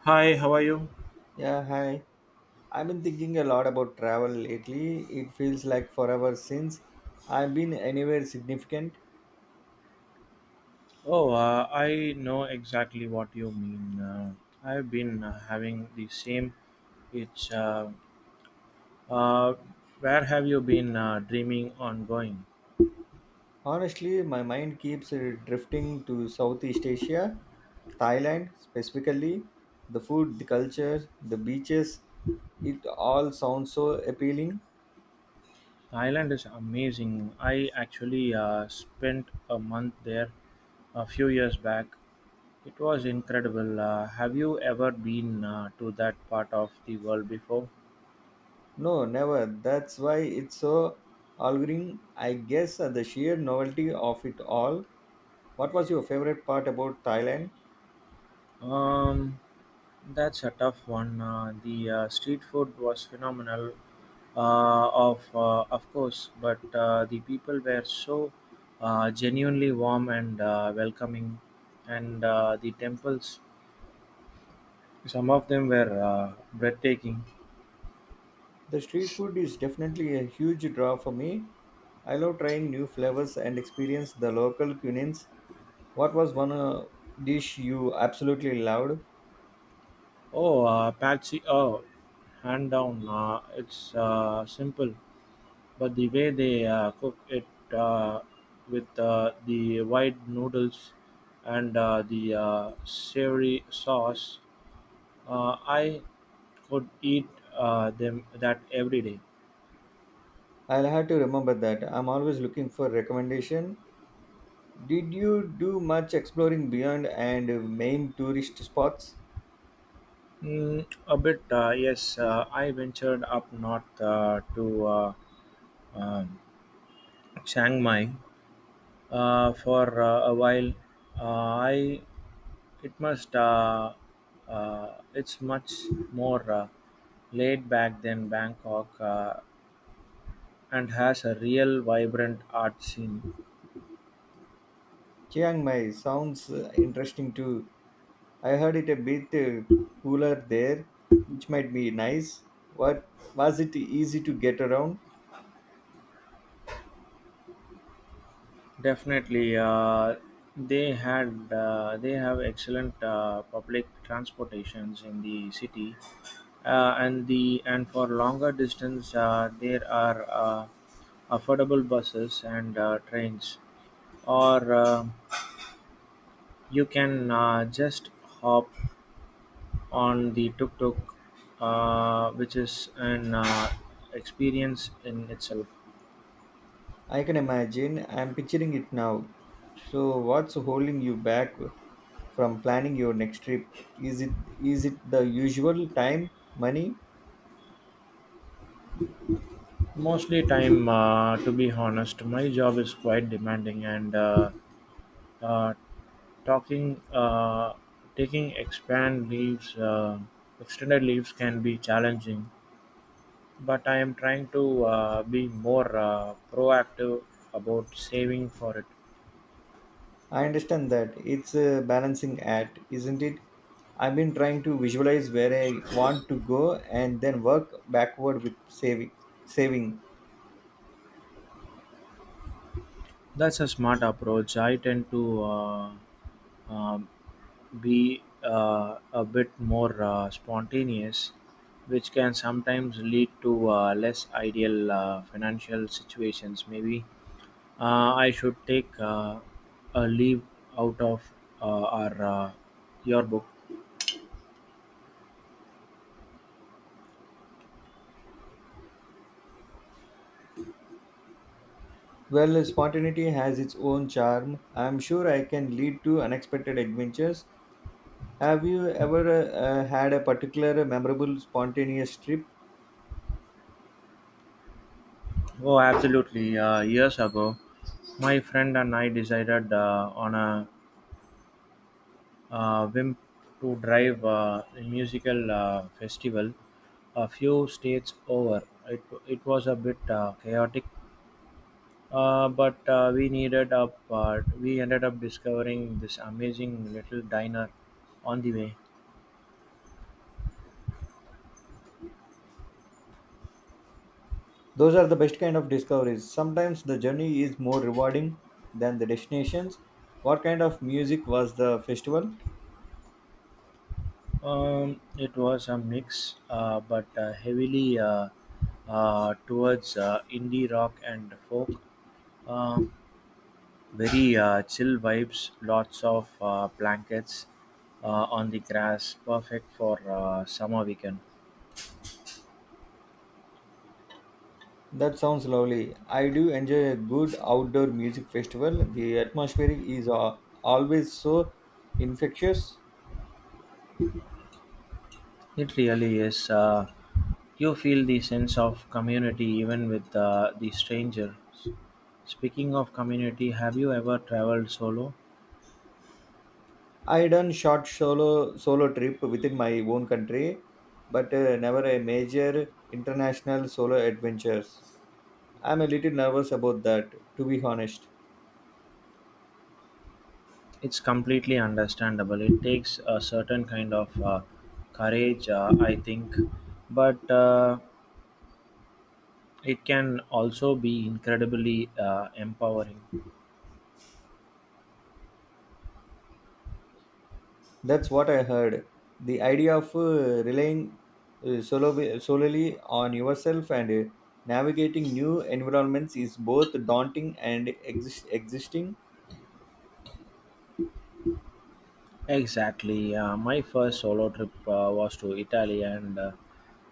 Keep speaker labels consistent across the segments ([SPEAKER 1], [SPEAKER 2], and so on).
[SPEAKER 1] Hi, how are you?
[SPEAKER 2] Yeah, hi. I've been thinking a lot about travel lately. It feels like forever since I've been anywhere significant.
[SPEAKER 1] Oh, I know exactly what you mean. I've been having the same. It's uh, where have you been dreaming on going?
[SPEAKER 2] Honestly, my mind keeps drifting to Southeast Asia, Thailand specifically. The food, the culture, the beaches, it all sounds so appealing.
[SPEAKER 1] Thailand is amazing. I actually spent a month there a few years back. It was incredible. Have you ever been to that part of the world before?
[SPEAKER 2] No, never. That's why it's so alluring. I guess the sheer novelty of it all. What was your favorite part about Thailand?
[SPEAKER 1] Um, that's a tough one. The street food was phenomenal, of course, but the people were so genuinely warm and welcoming, and the temples, some of them were breathtaking.
[SPEAKER 2] The street food is definitely a huge draw for me. I love trying new flavors and experience the local cuisines. What was one dish you absolutely loved?
[SPEAKER 1] Oh Patsy, hand down. It's simple, but the way they cook it, uh, with the white noodles and the savory sauce, I could eat them that every day.
[SPEAKER 2] I'll have to remember that. I'm always looking for recommendation. Did you do much exploring beyond and main tourist spots?
[SPEAKER 1] Mm, a bit, yes. I ventured up north to um, Chiang Mai for a while. I it must uh, it's much more laid back than Bangkok, and has a real vibrant art scene.
[SPEAKER 2] Chiang Mai sounds interesting too. I heard it a bit cooler there, which might be nice. What was it easy to get around?
[SPEAKER 1] Definitely. They have excellent public transportations in the city, and for longer distance there are affordable buses and trains, or you can just hop on the tuk-tuk, which is an experience in itself.
[SPEAKER 2] I can imagine. I'm picturing it now. So, what's holding you back from planning your next trip? Is it is it the usual time, money?
[SPEAKER 1] Mostly time, to be honest. My job is quite demanding, and uh, talking taking expand leaves extended leaves can be challenging. But I am trying to be more proactive about saving for it.
[SPEAKER 2] I understand that it's a balancing act, isn't it? I've been trying to visualize where I want to go and then work backward with saving. Saving.
[SPEAKER 1] That's a smart approach. I tend to um, be a bit more spontaneous, which can sometimes lead to less ideal financial situations. Maybe I should take a leave out of our your book.
[SPEAKER 2] Well, spontaneity has its own charm. I'm sure I can lead to unexpected adventures. Have you ever had a particular memorable spontaneous trip?
[SPEAKER 1] Oh, absolutely. Years ago, my friend and I decided on a whim to drive a musical festival a few states over. It was a bit chaotic, but we needed up. We ended up discovering this amazing little diner on the way.
[SPEAKER 2] Those are the best kind of discoveries. Sometimes the journey is more rewarding than the destinations. What kind of music was the festival?
[SPEAKER 1] It was a mix, but heavily towards indie rock and folk. Um, Very chill vibes, lots of blankets uh, on the grass, perfect for summer weekend.
[SPEAKER 2] That sounds lovely. I do enjoy a good outdoor music festival. The atmosphere is always so infectious.
[SPEAKER 1] It really is. You feel the sense of community even with the strangers. Speaking of community, have you ever traveled solo?
[SPEAKER 2] I done short solo trip within my own country, but never a major international solo adventures. I'm a little nervous about that, to be honest.
[SPEAKER 1] It's completely understandable. It takes a certain kind of courage, I think, but it can also be incredibly empowering.
[SPEAKER 2] That's what I heard. The idea of relying solely on yourself and navigating new environments is both daunting and existing.
[SPEAKER 1] Exactly. My first solo trip was to Italy, and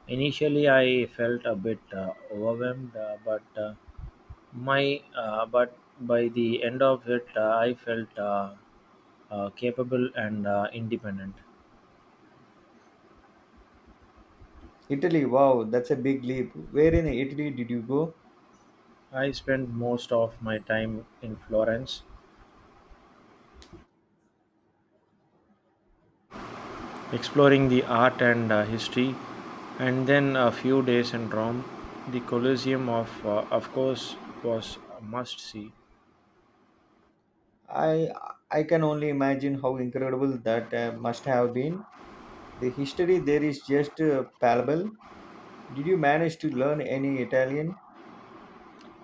[SPEAKER 1] initially I felt a bit overwhelmed, but by the end of it, I felt capable and independent.
[SPEAKER 2] Italy, wow, that's a big leap. Where in Italy did you go?
[SPEAKER 1] I spent most of my time in Florence, exploring the art and history, and then a few days in Rome. The Colosseum, of course, was a must see.
[SPEAKER 2] I I can only imagine how incredible that must have been. The history there is just palpable. Did you manage to learn any Italian?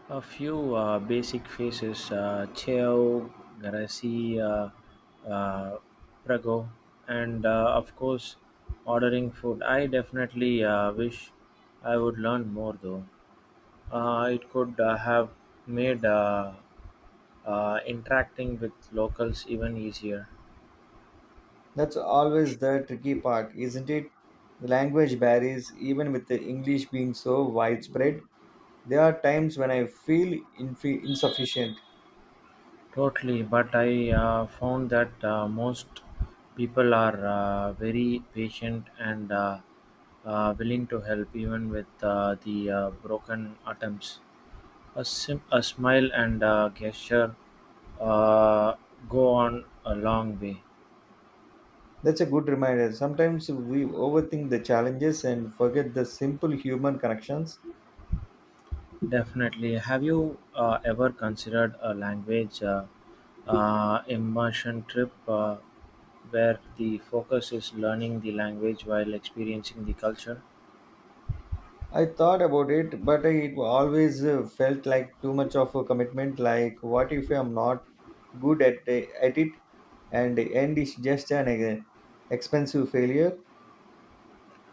[SPEAKER 1] A few basic faces: Cheo, Garcia, uh, Prago, and of course, ordering food. I definitely wish I would learn more, though. It could have made interacting with locals even easier.
[SPEAKER 2] That's always the tricky part, isn't it? The language barriers, even with the English being so widespread, there are times when I feel insufficient.
[SPEAKER 1] Totally, but I found that most people are very patient and willing to help, even with the broken attempts. A smile and a gesture uh, go on a long way.
[SPEAKER 2] That's a good reminder. Sometimes we overthink the challenges and forget the simple human connections.
[SPEAKER 1] Definitely. Have you ever considered a language immersion trip, where the focus is learning the language while experiencing the culture?
[SPEAKER 2] I thought about it, but it always felt like too much of a commitment. Like, what if I'm not good at it and the end is just an expensive failure?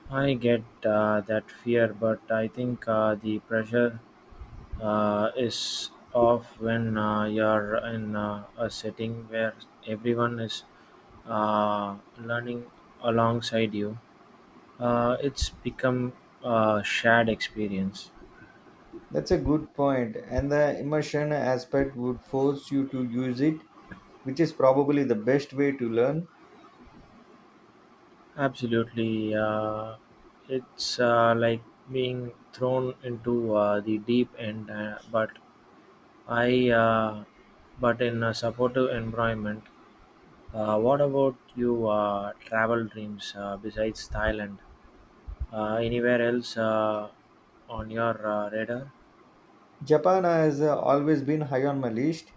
[SPEAKER 1] I get that fear, but I think the pressure is off when you're in a setting where everyone is learning alongside you. It's become a shared experience.
[SPEAKER 2] That's a good point, and the immersion aspect would force you to use it, which is probably the best way to learn.
[SPEAKER 1] Absolutely. It's like being thrown into the deep end, I uh, but in a supportive environment. What about you? Travel dreams besides Thailand? Anywhere else on your radar?
[SPEAKER 2] Japan has always been high on my list.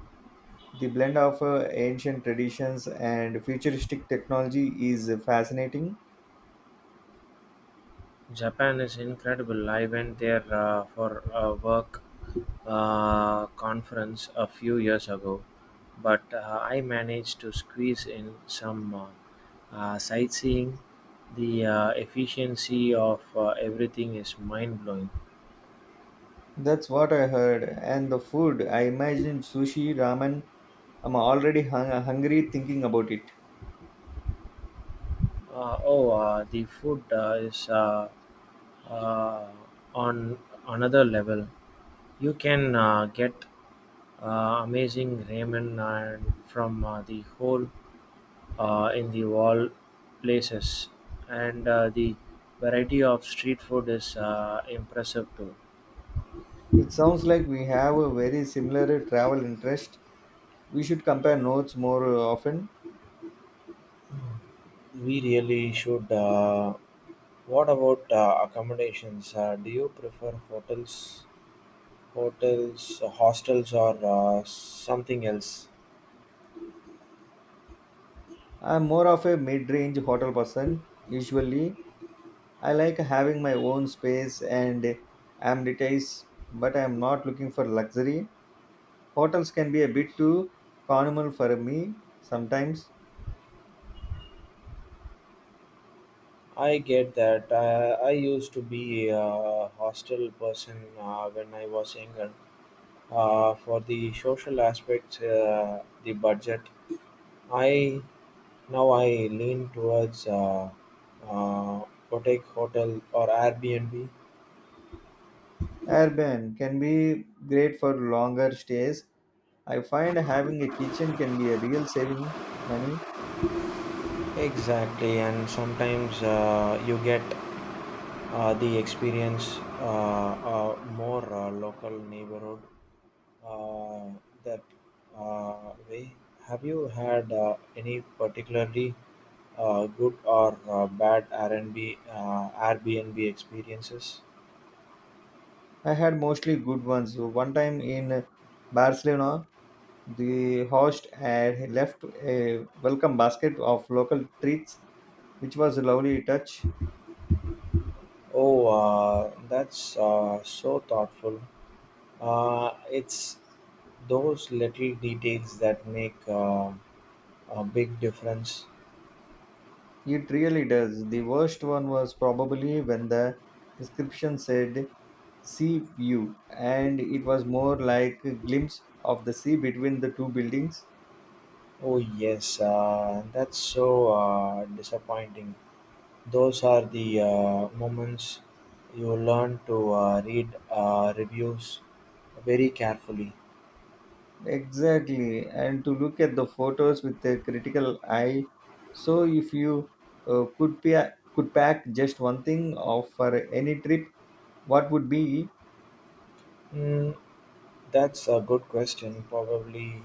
[SPEAKER 2] The blend of ancient traditions and futuristic technology is fascinating.
[SPEAKER 1] Japan is incredible. I went there for a work conference a few years ago, but I managed to squeeze in some sightseeing. The efficiency of everything is mind blowing.
[SPEAKER 2] That's what I heard, and the food. I imagine sushi, ramen. I'm already hungry thinking about it.
[SPEAKER 1] Oh, the food is uh, on another level. You can get amazing ramen and from the whole in the wall places, and the variety of street food is impressive too.
[SPEAKER 2] It sounds like we have a very similar travel interest. We should compare notes more often.
[SPEAKER 1] We really should. What about accommodations? Do you prefer hotels, hostels, or something else?
[SPEAKER 2] I'm more of a mid range hotel person. Usually, I like having my own space and amenities, but I'm not looking for luxury. Hotels can be a bit too communal for me sometimes.
[SPEAKER 1] I get that. I used to be a hostel person when I was younger. For the social aspects, the budget, I now I lean towards uh, boutique hotel or Airbnb.
[SPEAKER 2] Urban can be great for longer stays. I find having a kitchen can be a real saving money.
[SPEAKER 1] Exactly, and sometimes you get the experience more local neighborhood uh, that way. Have you had any particularly good or bad Airbnb experiences?
[SPEAKER 2] I had mostly good ones. One time in Barcelona, the host had left a welcome basket of local treats which was a lovely touch.
[SPEAKER 1] Oh, that's so thoughtful. It's those little details that make a big difference.
[SPEAKER 2] It really does. The worst one was probably when the description said sea view and it was more like a glimpse of the sea between the two buildings.
[SPEAKER 1] Oh yes, that's so disappointing. Those are the moments you learn to read reviews very carefully.
[SPEAKER 2] Exactly, and to look at the photos with a critical eye. So, if you could could pack just one thing off for any trip, what would be?
[SPEAKER 1] Mm, that's a good question. Probably,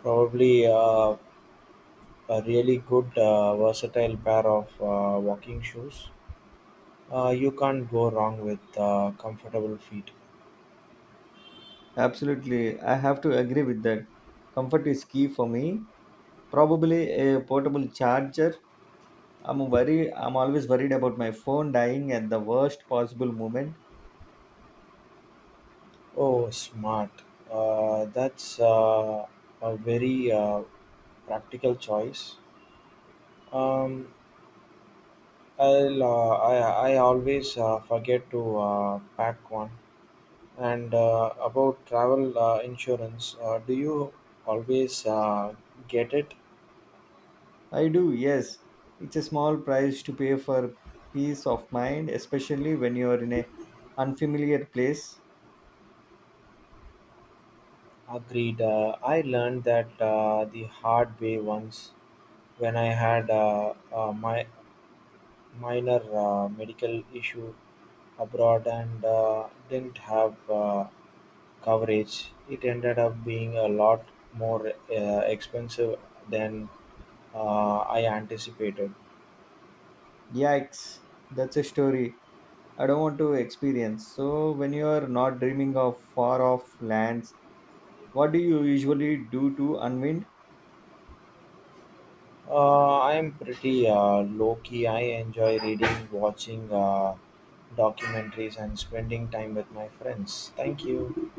[SPEAKER 1] probably uh, a really good versatile pair of walking shoes. You can't go wrong with comfortable feet.
[SPEAKER 2] Absolutely, I have to agree with that. Comfort is key for me. Probably a portable charger. I'm worried. I'm always worried about my phone dying at the worst possible moment.
[SPEAKER 1] Oh, smart. That's a very practical choice. Um, I always forget to pack one. And about travel insurance, do you always get it?
[SPEAKER 2] I do, yes. It's a small price to pay for peace of mind, especially when you are in a unfamiliar place.
[SPEAKER 1] Agreed. I learned that the hard way once, when I had my minor medical issue abroad and didn't have coverage. It ended up being a lot more expensive than I anticipated.
[SPEAKER 2] Yikes, that's a story I don't want to experience. So, when you are not dreaming of far off lands, what do you usually do to unwind?
[SPEAKER 1] I am pretty low key. I enjoy reading, watching documentaries, and spending time with my friends. Thank you.